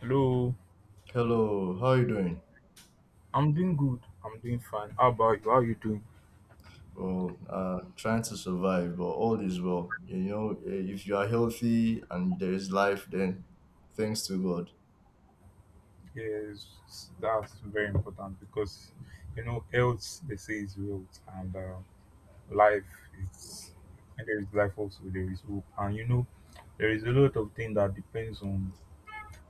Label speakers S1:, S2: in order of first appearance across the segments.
S1: Hello,
S2: Hello, how you doing?
S1: I'm doing good. I'm doing fine. How about you? How you doing?
S2: Well, trying to survive, but all is well. You know, if you are healthy and there is life, then thanks to God.
S1: Yes, that's very important because you know health they say is wealth, and life is and there is life also there is hope, and you know there is a lot of things that depends on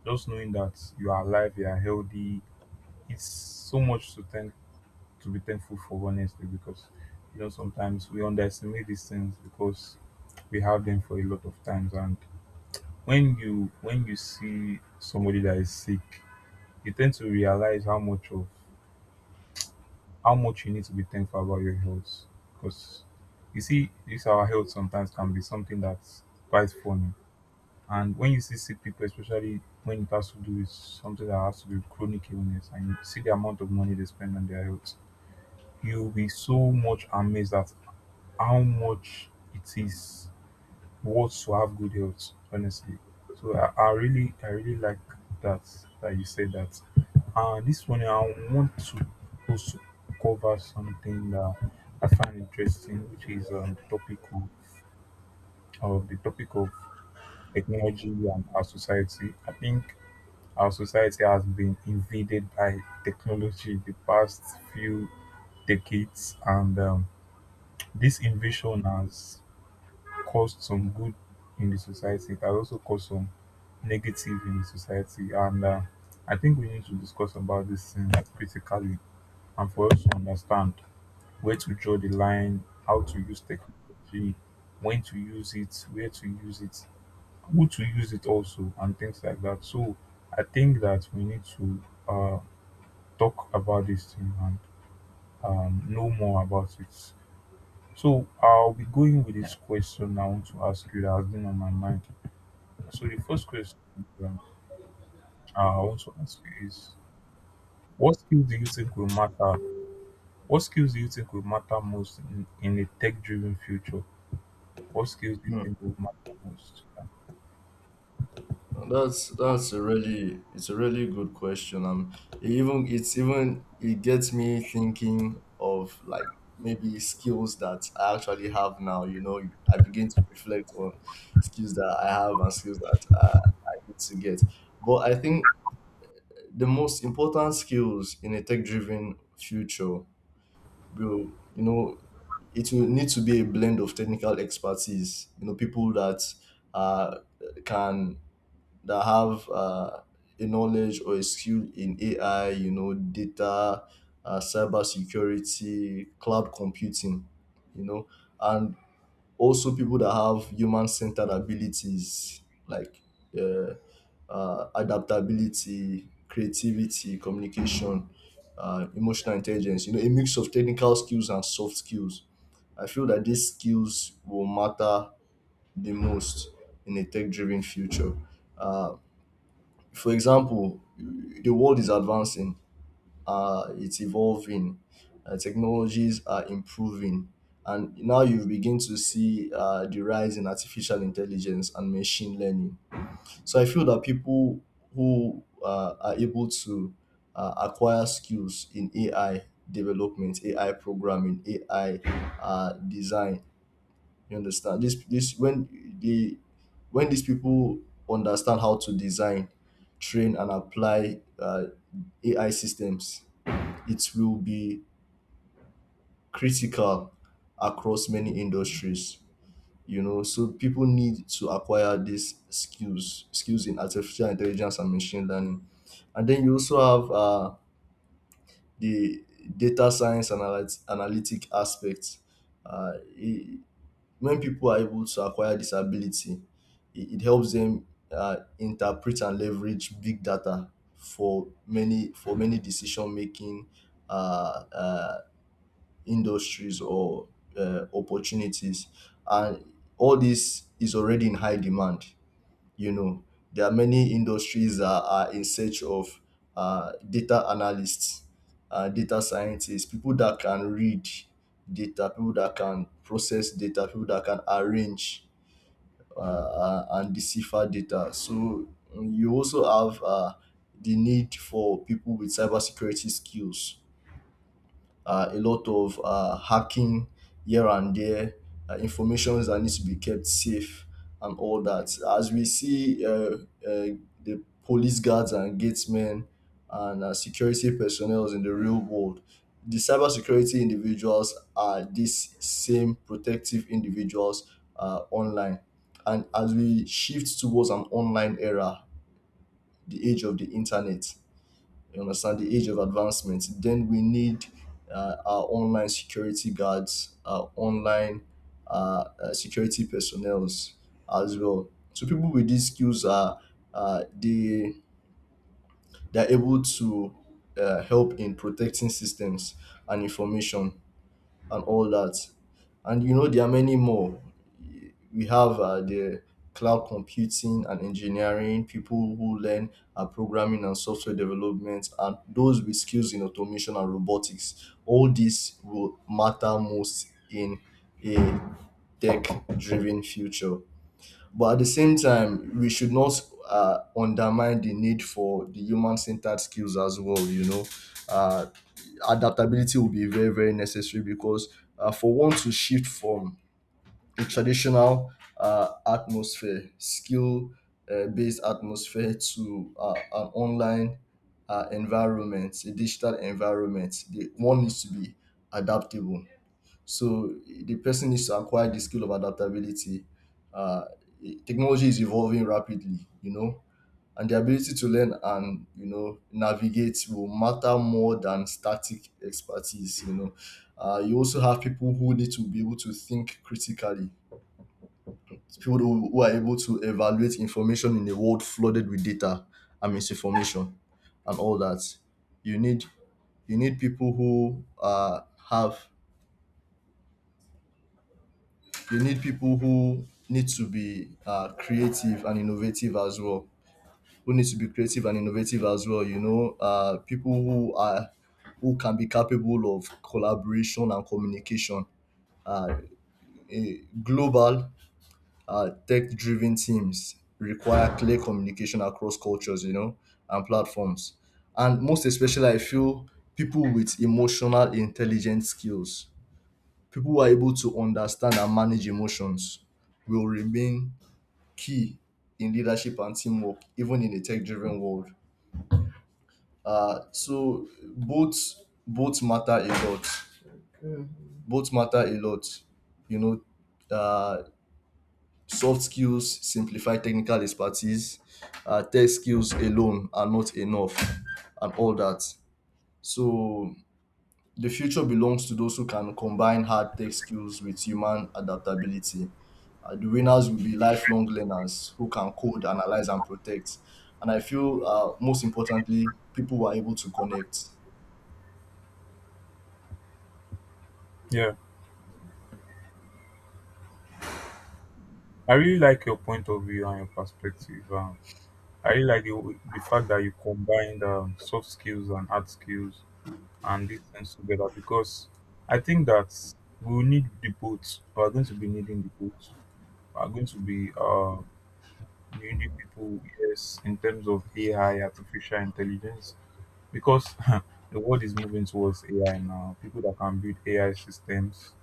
S1: just knowing that you are alive, you are healthy. It's so much to thank to be thankful for, honestly, because you know sometimes we underestimate these things because we have them for a lot of times and when you see somebody that is sick, you tend to realize how much of how much you need to be thankful about your health. Because you see, this our health sometimes can be something that's quite funny. And when you see sick people, especially when it has to do with something that has to do with chronic illness, and you see the amount of money they spend on their health, you'll be so much amazed at how much it is wants to have good health, honestly. So I really I really like that that you said that. And this one I want to also cover something that I find interesting, which is the topic of the topic of technology and our society. I think our society has been invaded by technology the past few decades, and this invasion has caused some good in the society. It has also caused some negative in the society. And I think we need to discuss about this thing critically and for us to understand where to draw the line, how to use technology, when to use it, where to use it, who to use it also, and things like that. So I think that we need to talk about this thing and know more about it. So I'll be going with this question I want to ask you that has been on my mind. So the first question, um, I want to ask you is, what skills do you think will matter? What skills do you think will matter most in a tech driven future? What skills do you
S2: Hmm.
S1: think will matter most?
S2: And that's a really it's a really good question. It even it's even It gets me thinking of like maybe skills that I actually have now. You know, I begin to reflect on skills that I have and skills that I need to get. But I think the most important skills in a tech driven future will, you know, it will need to be a blend of technical expertise, you know, people that uh, can that have a knowledge or a skill in ai, you know, data, cyber security, cloud computing, you know, and also people that have human centered abilities like uh, adaptability, creativity, communication, emotional intelligence, you know, a mix of technical skills and soft skills. I feel that these skills will matter the most in a tech driven future. Uh, for example, the world is advancing, it's evolving, technologies are improving, and now you begin to see the rise in artificial intelligence and machine learning. So I feel that people who are able to acquire skills in AI development, AI programming, AI design. You understand, this when these people understand how to design, train, and apply AI systems, it will be critical across many industries. You know, so people need to acquire these skills, skills in artificial intelligence and machine learning. And then you also have the data science analytic aspect. uh, i- when people are able to acquire this ability, it helps them interpret and leverage big data for many decision making uh, uh, industries or opportunities. And all this is already in high demand. You know, there are many industries that are in search of data analysts, data scientists, people that can read data, people that can process data, people that can arrange and decipher data. So you also have the need for people with cybersecurity skills. A lot of hacking here and there, informations that needs to be kept safe and all that. As we see, the police guards and gatesmen and security personnel in the real world, the cybersecurity individuals are these same protective individuals online. And as we shift towards an online era, the age of the internet, you understand, the age of advancement, then we need our online security guards, our online security personnel as well. So people with these skills are uh, they they're able to help in protecting systems and information and all that. And you know, there are many more. We have the cloud computing and engineering, people who learn programming and software development, and those with skills in automation and robotics. All this will matter most in a tech driven future. But at the same time, we should not undermine the need for the human centered skills as well. You know, uh, adaptability will be very, very necessary because for one to shift from a traditional atmosphere, skill based atmosphere, to an online environment, a digital environment, one needs to be adaptable. So the person needs to acquire the skill of adaptability. Uh, Technology is evolving rapidly, you know, and the ability to learn and, you know, navigate will matter more than static expertise. You know, you also have people who need to be able to think critically. People who are able to evaluate information in a world flooded with data and misinformation and all that. You need you need people who have you need people who need to be creative and innovative as well. Who need to be creative and innovative as well. You know, people who are who can be capable of collaboration and communication. Uh, global tech-driven teams require clear communication across cultures. You know, and platforms, and most especially, I feel, people with emotional intelligence skills. People who are able to understand and manage emotions will remain key in leadership and teamwork, even in a tech-driven world. So both both matter a lot. Both matter a lot. You know, uh, soft skills simplify technical expertise. Tech skills alone are not enough, and all that. So the future belongs to those who can combine hard tech skills with human adaptability. The
S1: Yeah.
S2: winners will be lifelong learners who can code, analyze, and protect. And I feel, most importantly, people who are able to connect.
S1: Yeah. I really like your point of view and your perspective. I really like the fact that you combined soft skills and hard skills and these things together, because I think that we'll need the both. We're going to be needing the both. We're going to be needy people, yes, in terms of AI, artificial intelligence, because the world is moving towards AI now. People that can build AI systems,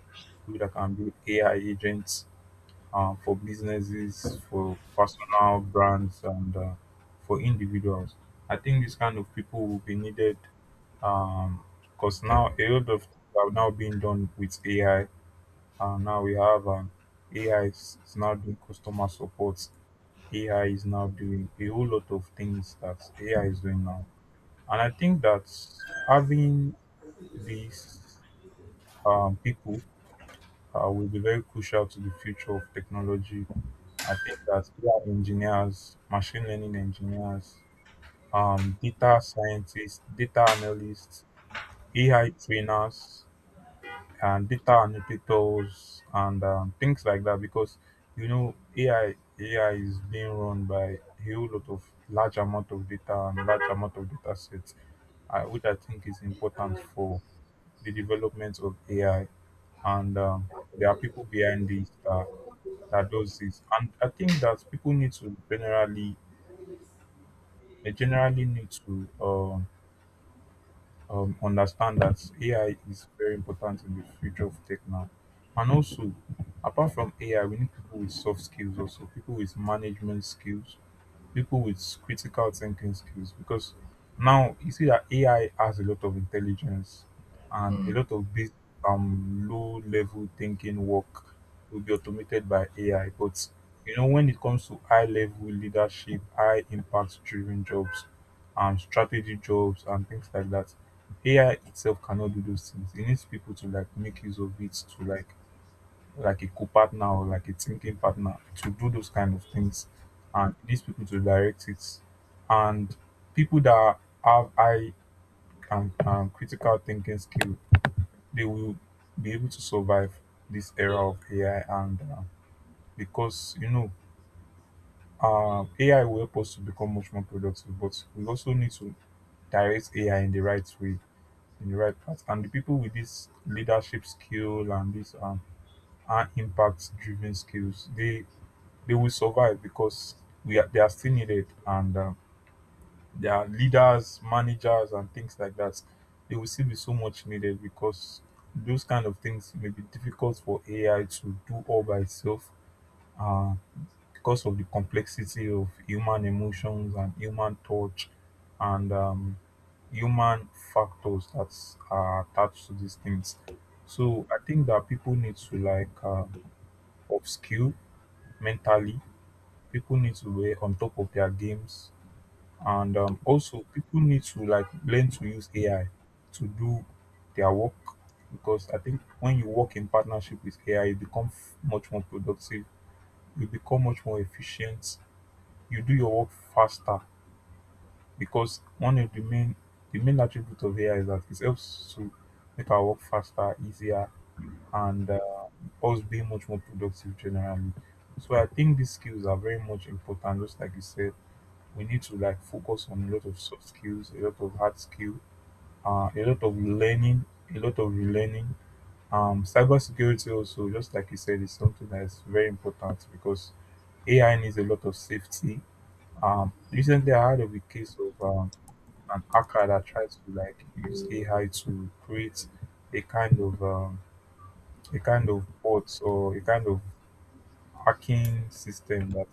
S1: people that can build AI agents for businesses, for personal brands, and for individuals. I think these kind of people will be needed because now a lot of things are now being done with AI. Now we have, AI is now doing customer support. AI is now doing a whole lot of things that AI is doing now. And I think that having these, people will be very crucial to the future of technology. I think that AI engineers, machine learning engineers, data scientists, data analysts, AI trainers, and data annotators and things like that, because you know AI is being run by a whole lot of large amount of data and large amount of data sets, which I think is important for the development of AI. And there are people behind this that does this, and I think that people need to generally they generally need to understand that AI is very important in the future of tech now. And also, apart from AI, we need people with soft skills also, people with management skills, people with critical thinking skills, because now you see that AI has a lot of intelligence and a lot of this low level thinking work will be automated by AI. But you know when it comes to high level leadership, high impact driven jobs, and strategy jobs and things like that, AI itself cannot do those things. It needs people to like make use of it, to like a co-partner or like a thinking partner to do those kind of things and these people to direct it, and people that have high and, critical thinking skill, they will be able to survive this era of AI. And because you know, AI will help us to become much more productive, but we also need to direct AI in the right way, in the right path, and the people with this leadership skill and this, and impact driven skills, they will survive because they are still needed. And their leaders, managers, and things like that, they will still be so much needed because those kind of things may be difficult for AI to do all by itself, uh, because of the complexity of human emotions and human touch and, human factors that are attached to these things. So I think that people need to like upskill mentally, people need to be on top of their games, and also people need to like learn to use AI to do their work, because I think when you work in partnership with AI you become much more productive, you become much more efficient, you do your work faster, because one of the main attribute of AI is that it helps to make our work faster, easier, and us being much more productive generally. So I think these skills are very much important. Just like you said, we need to like focus on a lot of soft skills, a lot of hard skill, a lot of learning, a lot of relearning. Cybersecurity also, just like you said, is something that is very important because AI needs a lot of safety. Recently, I heard of a case of, an hacker that tried to like use AI to create a kind of, a kind of bot or a kind of hacking system that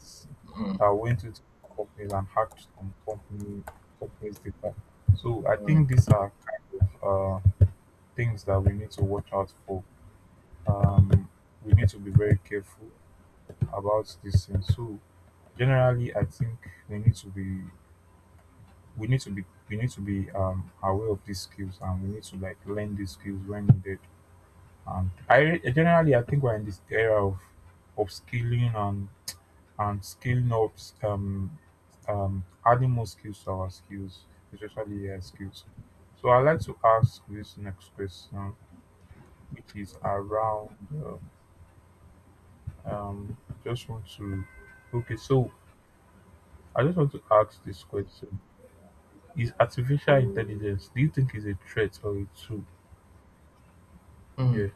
S1: that went into companies and hacked some company companies data. So I think these are kind of things that we need to watch out for. Um, we need to be very careful about these things. So generally, I think we need to be we need to be we need to be, aware of these skills and we need to like learn these skills when needed. And I generally I think we're in this era of upskilling and skill knobs, adding more skills to our skills, especially AI skills. So I'd like to ask this next question, which is around, uh, um, just want to, okay, so I just want to ask this question. Is artificial intelligence, do you think, is a threat or a tool? Yeah,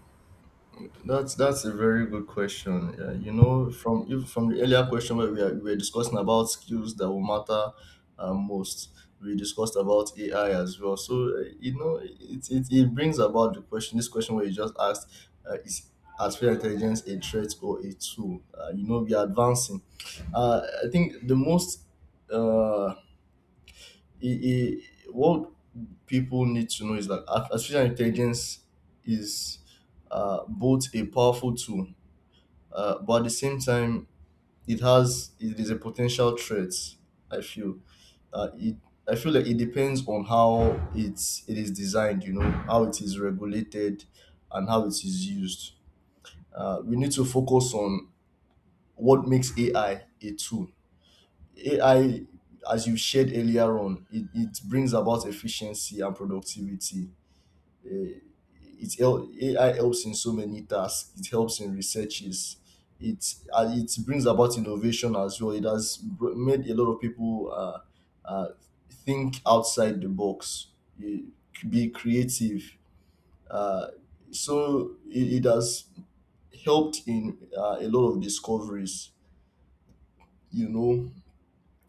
S2: That's a very good question. You know, from if from the earlier question where we were discussing about skills that will matter most, we discussed about AI as well. So you know, it brings about the question. This question where you just asked, is artificial intelligence a threat or a tool? You know, we are advancing. I think the most uh, what people need to know is that artificial intelligence is both a powerful tool, but at the same time, it is a potential threat. I feel uh, it. I feel like it depends on how it is designed. You know, how it is regulated and how it is used. We need to focus on what makes AI a tool. AI, as you shared earlier on, it brings about efficiency and productivity. Eh, AI helps in so many tasks. It helps in researches. It brings about innovation as well. It has made a lot of people uh, think outside the box, eh, be creative. Uh, it has helped in a lot of discoveries. You know,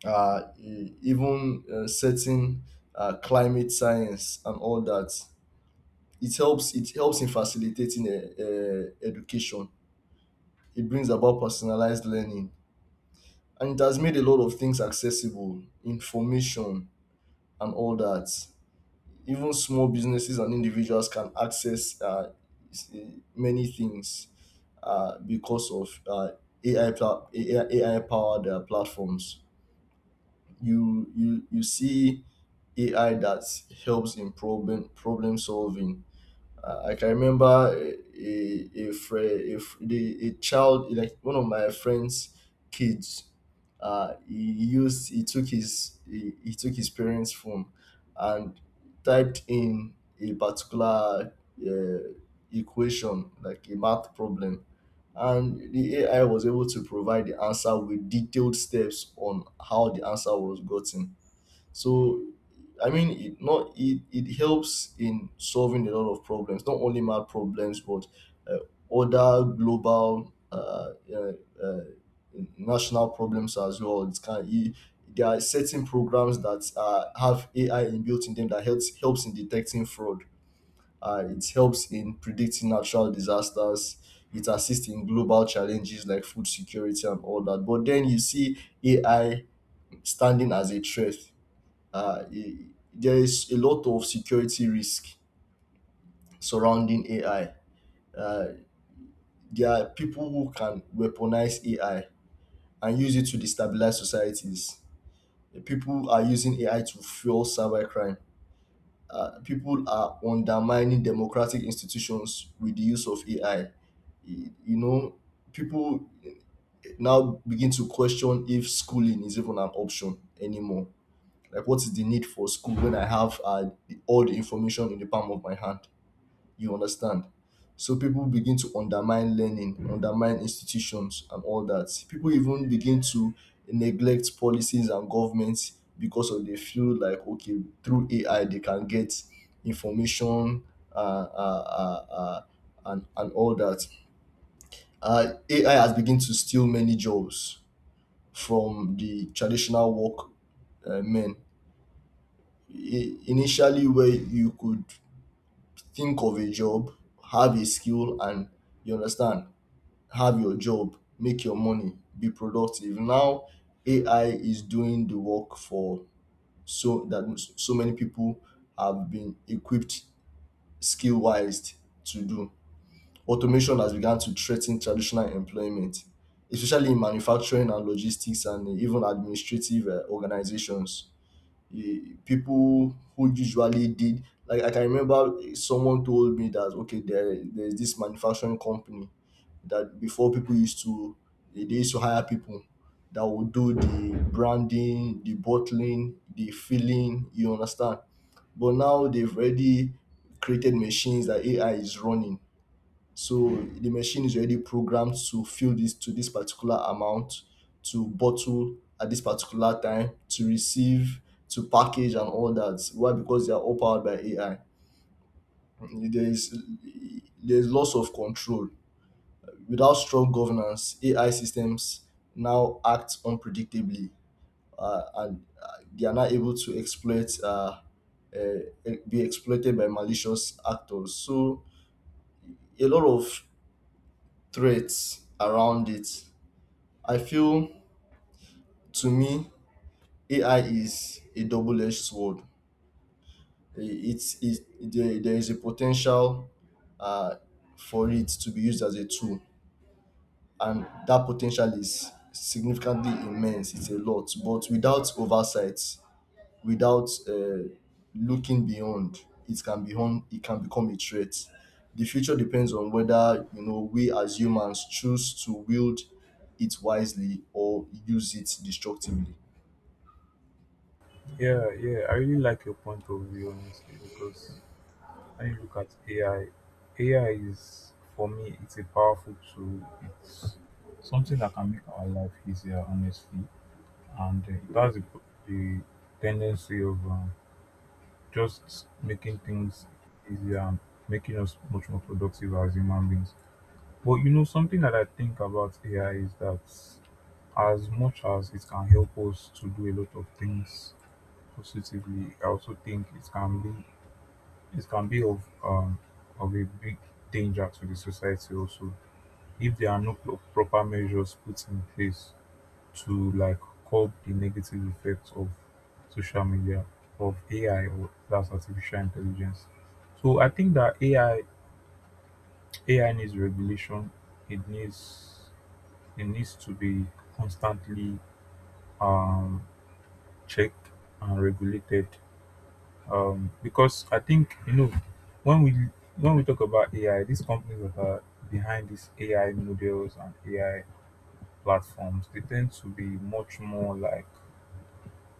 S2: even certain climate science and all that. It helps. It helps in facilitating education. It brings about personalized learning, and it has made a lot of things accessible, information and all that. Even small businesses and individuals can access many things because of AI, AI, AI powered platforms. You see AI that helps in problem solving. I can remember a friend, a child, like one of my friends' kids. He took his parents' phone and typed in a particular uh, equation, like a math problem, and the AI was able to provide the answer with detailed steps on how the answer was gotten. So I mean, it not it, it helps in solving a lot of problems, not only math problems, but uh, other global uh, national problems as well. It's kind of, it, there are certain programs that have AI inbuilt in them that helps in detecting fraud. It helps in predicting natural disasters. It assists in global challenges like food security and all that. But then you see AI standing as a threat. uh, i- there is a lot of security risk surrounding AI. Uh, there are people who can weaponize AI and use it to destabilize societies. People are using AI to fuel cybercrime. People are undermining democratic institutions with the use of AI. You know, people now begin to question if schooling is even an option anymore. Like, what is the need for school when I have all the information in the palm of my hand? You understand, so people begin to undermine learning, undermine institutions and all that. People even begin to neglect policies and governments because of, they feel like, okay, through ai they can get information, uh, uh, uh, uh, and all that. Ai has begun to steal many jobs from the traditional work, men. Initially, where you could think of a job, have a skill and, you understand, have your job, make your money, be productive. Now AI is doing the work for so that so many people have been equipped skill wise to do. Automation has begun to threaten traditional employment, especially in manufacturing and logistics and even administrative organizations. People who usually did, like, I can remember someone told me that, okay, there's this manufacturing company that before people used to, they used to hire people that would do the branding, the bottling, the filling, you understand? But now they've already created machines that AI is running, so the machine is already programmed to fill this to this particular amount, to bottle at this particular time, to receive, to package and all that. Why? Because they are all powered by AI. There is there is loss of control. Without strong governance, AI systems now act unpredictably, and they are not able to exploit uh, be exploited by malicious actors. So a lot of threats around it. I feel to me AI is a double edged sword. It's there, is a potential uh, for it to be used as a tool, and that potential is significantly immense. It's a lot, but without oversight, without looking beyond, it can become a threat. The future depends on whether you know we as humans choose to wield it wisely or use it destructively.
S1: yeah. I really like your point of view, honestly, because I look at AI. AI is, for me, it's a powerful tool. It's something that can make our life easier, honestly, and it has the tendency of, just making things easier and making us much more productive as human beings. But you know, something that I think about AI is that as much as it can help us to do a lot of things positively, I also think it can be of, of a big danger to the society also if there are no proper measures put in place to like curb the negative effects of social media, of AI, or that's artificial intelligence. So I think that AI needs regulation. It needs it needs to be constantly, um, checked and regulated, because I think, you know, when we when we talk about AI, these companies that are behind these AI models and AI platforms, they tend to be much more like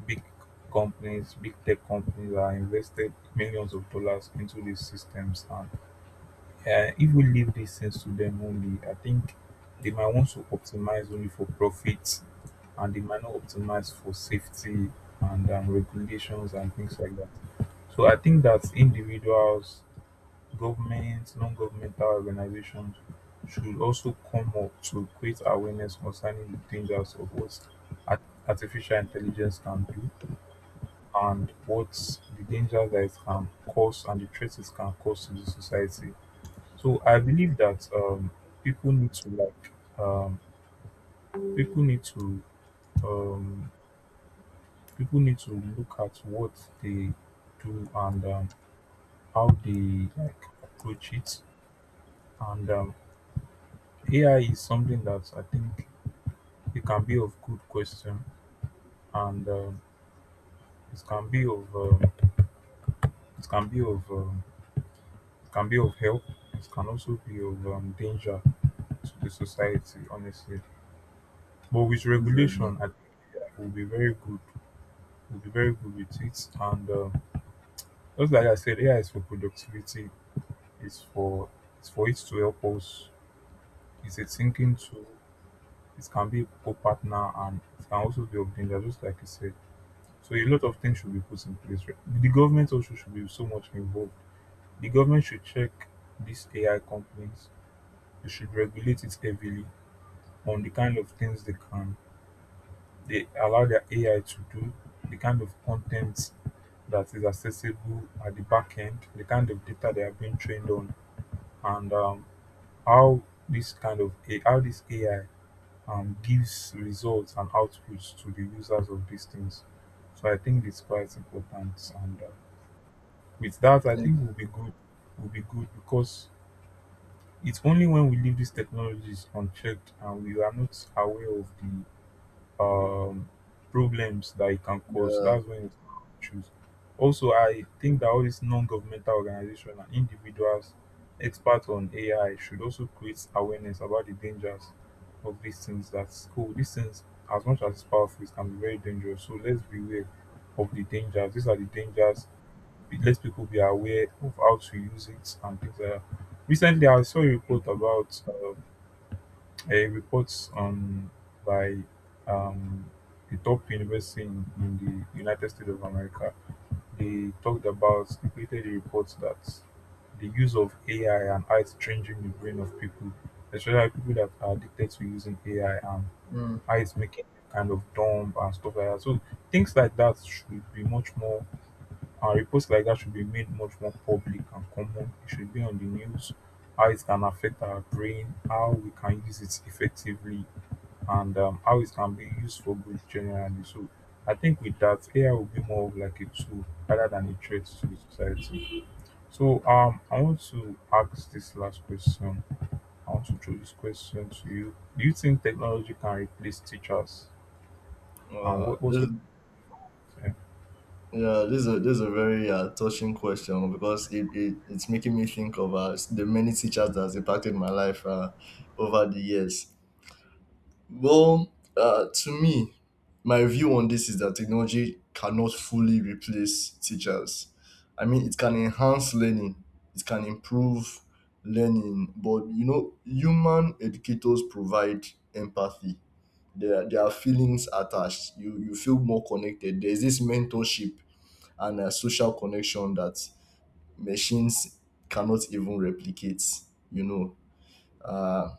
S1: big companies, big tech companies that are invested millions of dollars into these systems. And if we leave these things to them only, I think they might want to optimize only for profits, and they might not optimize for safety and, regulations and things like that. So I think that individuals, governments, non-governmental organizations should also come up to create awareness concerning the dangers of what art- artificial intelligence can do and what the dangers that it can cause and the threats it can cause to the society. So I believe that, people need to like, um, people need to um, people need to look at what they do, and, how they like approach it. And, AI is something that I think it can be of good question, and, it can be of it can be of it can be of help. It can also be of, danger to the society, honestly. But with
S2: This is what
S1: regulation,
S2: I
S1: I think it will be very good with it. And Just like I said, AI is for productivity. It's for it's for it to help us. It's a thinking tool. It can be a co-partner, and it can also be of danger, just like you said. So a lot of things should be put in place, right? The government also should be so much involved. The government should check these AI companies. They should regulate it heavily on the kind of things they allow their AI to do, the kind of content that is accessible at the back end, the kind of data they are being trained on, and how this kind of A- how this AI gives results and outputs to the users of these things. So I think it's quite important, and with that, I
S2: And
S1: think we'll be good. We'll be good because it's only when we leave these technologies unchecked and we are not aware of the um, problems that it can cause.
S2: uh,
S1: That's when it's choose. Also, I think that all these non-governmental organizations and individuals experts on AI should also create awareness about the dangers of these things. That's cool. These things, as much as it's powerful, it can be very dangerous. So let's be aware of the dangers. These are the dangers. Let people be aware of how to use it and things like that. Recently, I saw a report by um, the top university in the United States of America. They talked about, they created a report that the use of AI and how it's changing the brain of people, especially people that are addicted to using AI and
S2: mm,
S1: how it's making them kind of dumb and stuff like that. So things like that should be much more, and reports like that should be made much more public and common. It should be on the news, how it can affect our brain, how we can use it effectively, and how it can be used for good generally. So I think with that, AI will be more of like a tool rather than a threat to the society. So I want to ask this last question. I want to throw this question to you. Do you think technology can replace teachers? And what's
S2: this,
S1: your
S2: this is a very touching question because it's making me think of the many teachers that has impacted my life over the years. To me, my view on this is that technology cannot fully replace teachers. I mean, it can enhance learning, it can improve learning, but you know, human educators provide empathy. There are feelings attached. You feel more connected. There's this mentorship and a social connection that machines cannot even replicate. You know, uh,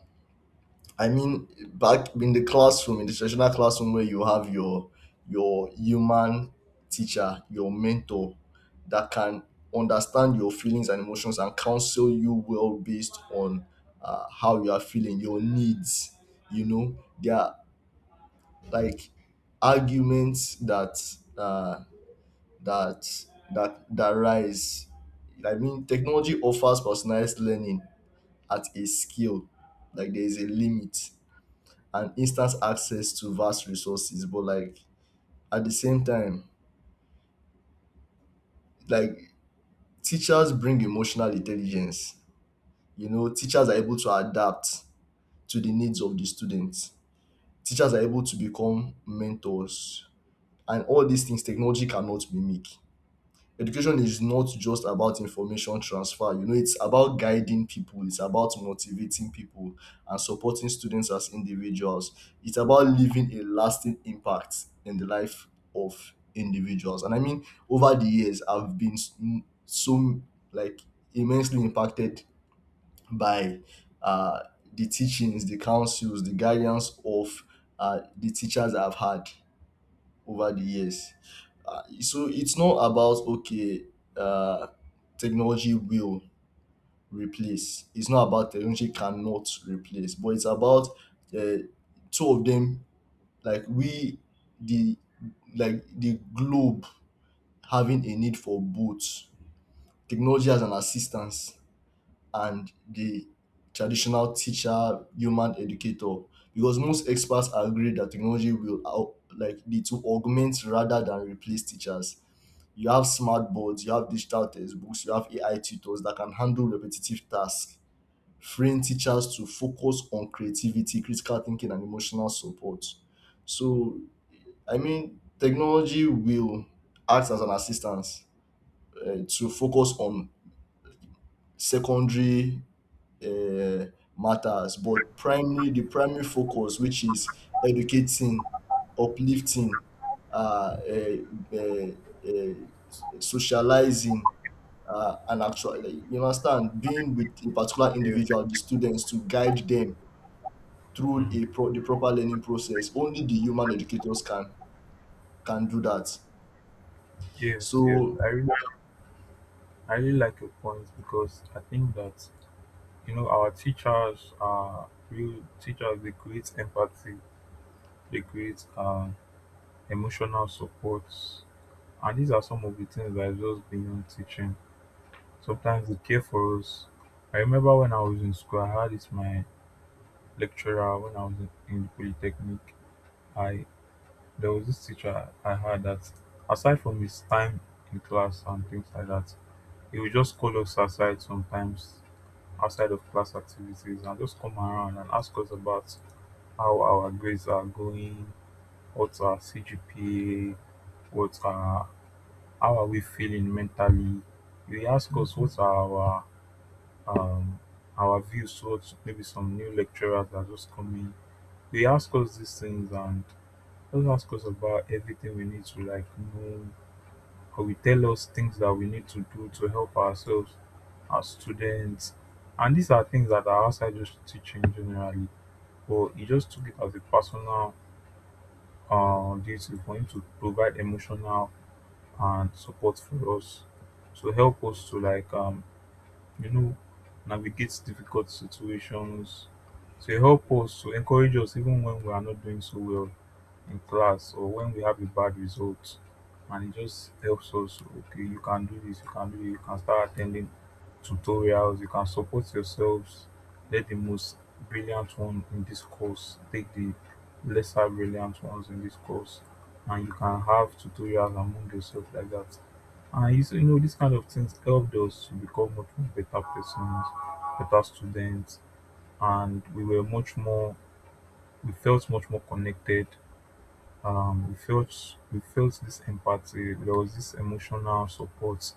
S2: I mean, back in the classroom, in the traditional classroom where you have your human teacher, your mentor that can understand your feelings and emotions and counsel you well based on how you are feeling, your needs. You know, there like arguments that uh, that that rise. I mean, technology offers personalized learning at a scale. Like there is a limit and instant access to vast resources, but like at the same time, like teachers bring emotional intelligence. You know, teachers are able to adapt to the needs of the students. Teachers are able to become mentors, and all these things technology cannot mimic. Education is not just about information transfer, you know. It's about guiding people, it's about motivating people and supporting students as individuals. It's about leaving a lasting impact in the life of individuals. And I mean, over the years, I've been s- m- like immensely impacted by uh the teachings, the counsels, the guidance of the teachers I've had over the years. So it's not about, okay, uh, technology will replace. It's not about technology cannot replace, but it's about uh, two of them, like we the like the globe having a need for both technology as an assistance and the traditional teacher, human educator, because most experts agree that technology will out, like need to augment rather than replace teachers. You have smart boards, you have digital textbooks, you have AI tutors that can handle repetitive tasks, freeing teachers to focus on creativity, critical thinking, and emotional support. So, I mean, technology will act as an assistance to focus on secondary uh, matters, but primary, the primary focus, which is educating, uplifting, uh, uh, uh, socializing, and actually, like, you understand, being with a particular
S1: yeah.
S2: individual, the students, to guide them through
S1: Mm.
S2: the proper learning process. Only the human educators can do that.
S1: Yes, yes.
S2: So
S1: I really like your point because I think that you know our teachers are real teachers. They create empathy. They create emotional support, and these are some of the things that is just beyond teaching. Sometimes they care for us. I remember when I was in school, I had this my lecturer when I was in the polytechnic. I There was this teacher I had that, aside from his time in class and things like that, he would just call us aside sometimes outside of class activities and just come around and ask us about how our grades are going, what's our CGPA, what's our how are we feeling mentally. They ask us what are um our views towards maybe some new lecturers that are just coming. They ask us these things and just ask us about everything we need to like know, or we tell us things that we need to do to help ourselves as students. And these are things that are outside just teaching generally. But he just took it as a personal duty for him to provide emotional and support for us, to help us to like you know, navigate difficult situations. So it helps us to encourage us even when we are not doing so well in class or when we have a bad result. And it just helps us, okay, you can do this, you can do it. You can start attending tutorials, you can support yourselves. Let the most brilliant one in this course take the lesser brilliant ones in this course. And you can have tutorials among yourself like that. I used to, you know, these kind of things helped us to become much more better persons, better students, and we felt much more connected. We felt this empathy. There was this emotional support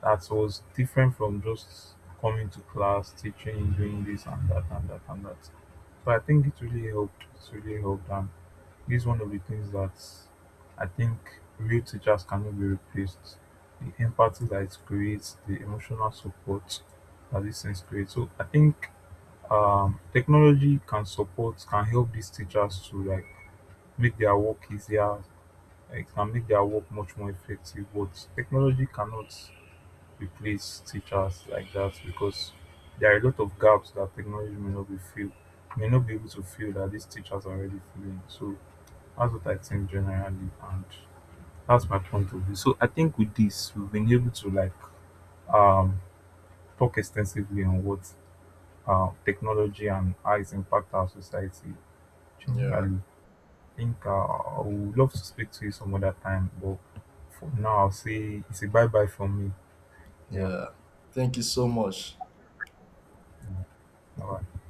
S1: that was different from just coming to class, teaching, doing this and that and that and that. So I think it really helped. It really helped, and this is one of the things that I think real teachers cannot be replaced. The empathy that it creates, the emotional support that these things create. So I think technology can support, can help these teachers to like make their work easier. It can make their work much more effective. But technology cannot replace teachers like that, because there are a lot of gaps that technology may not be filled, may not be able to fill, that these teachers are already filling. So that's what I think generally, and that's my point of view. So I think with this we've been able to like um talk extensively on what technology and how it's impact our society
S2: yeah.
S1: generally. I think I would love to speak to you some other time, but for now I'll say it's a bye bye from me. Yeah,
S2: Yeah, thank you so much.
S1: yeah. Bye.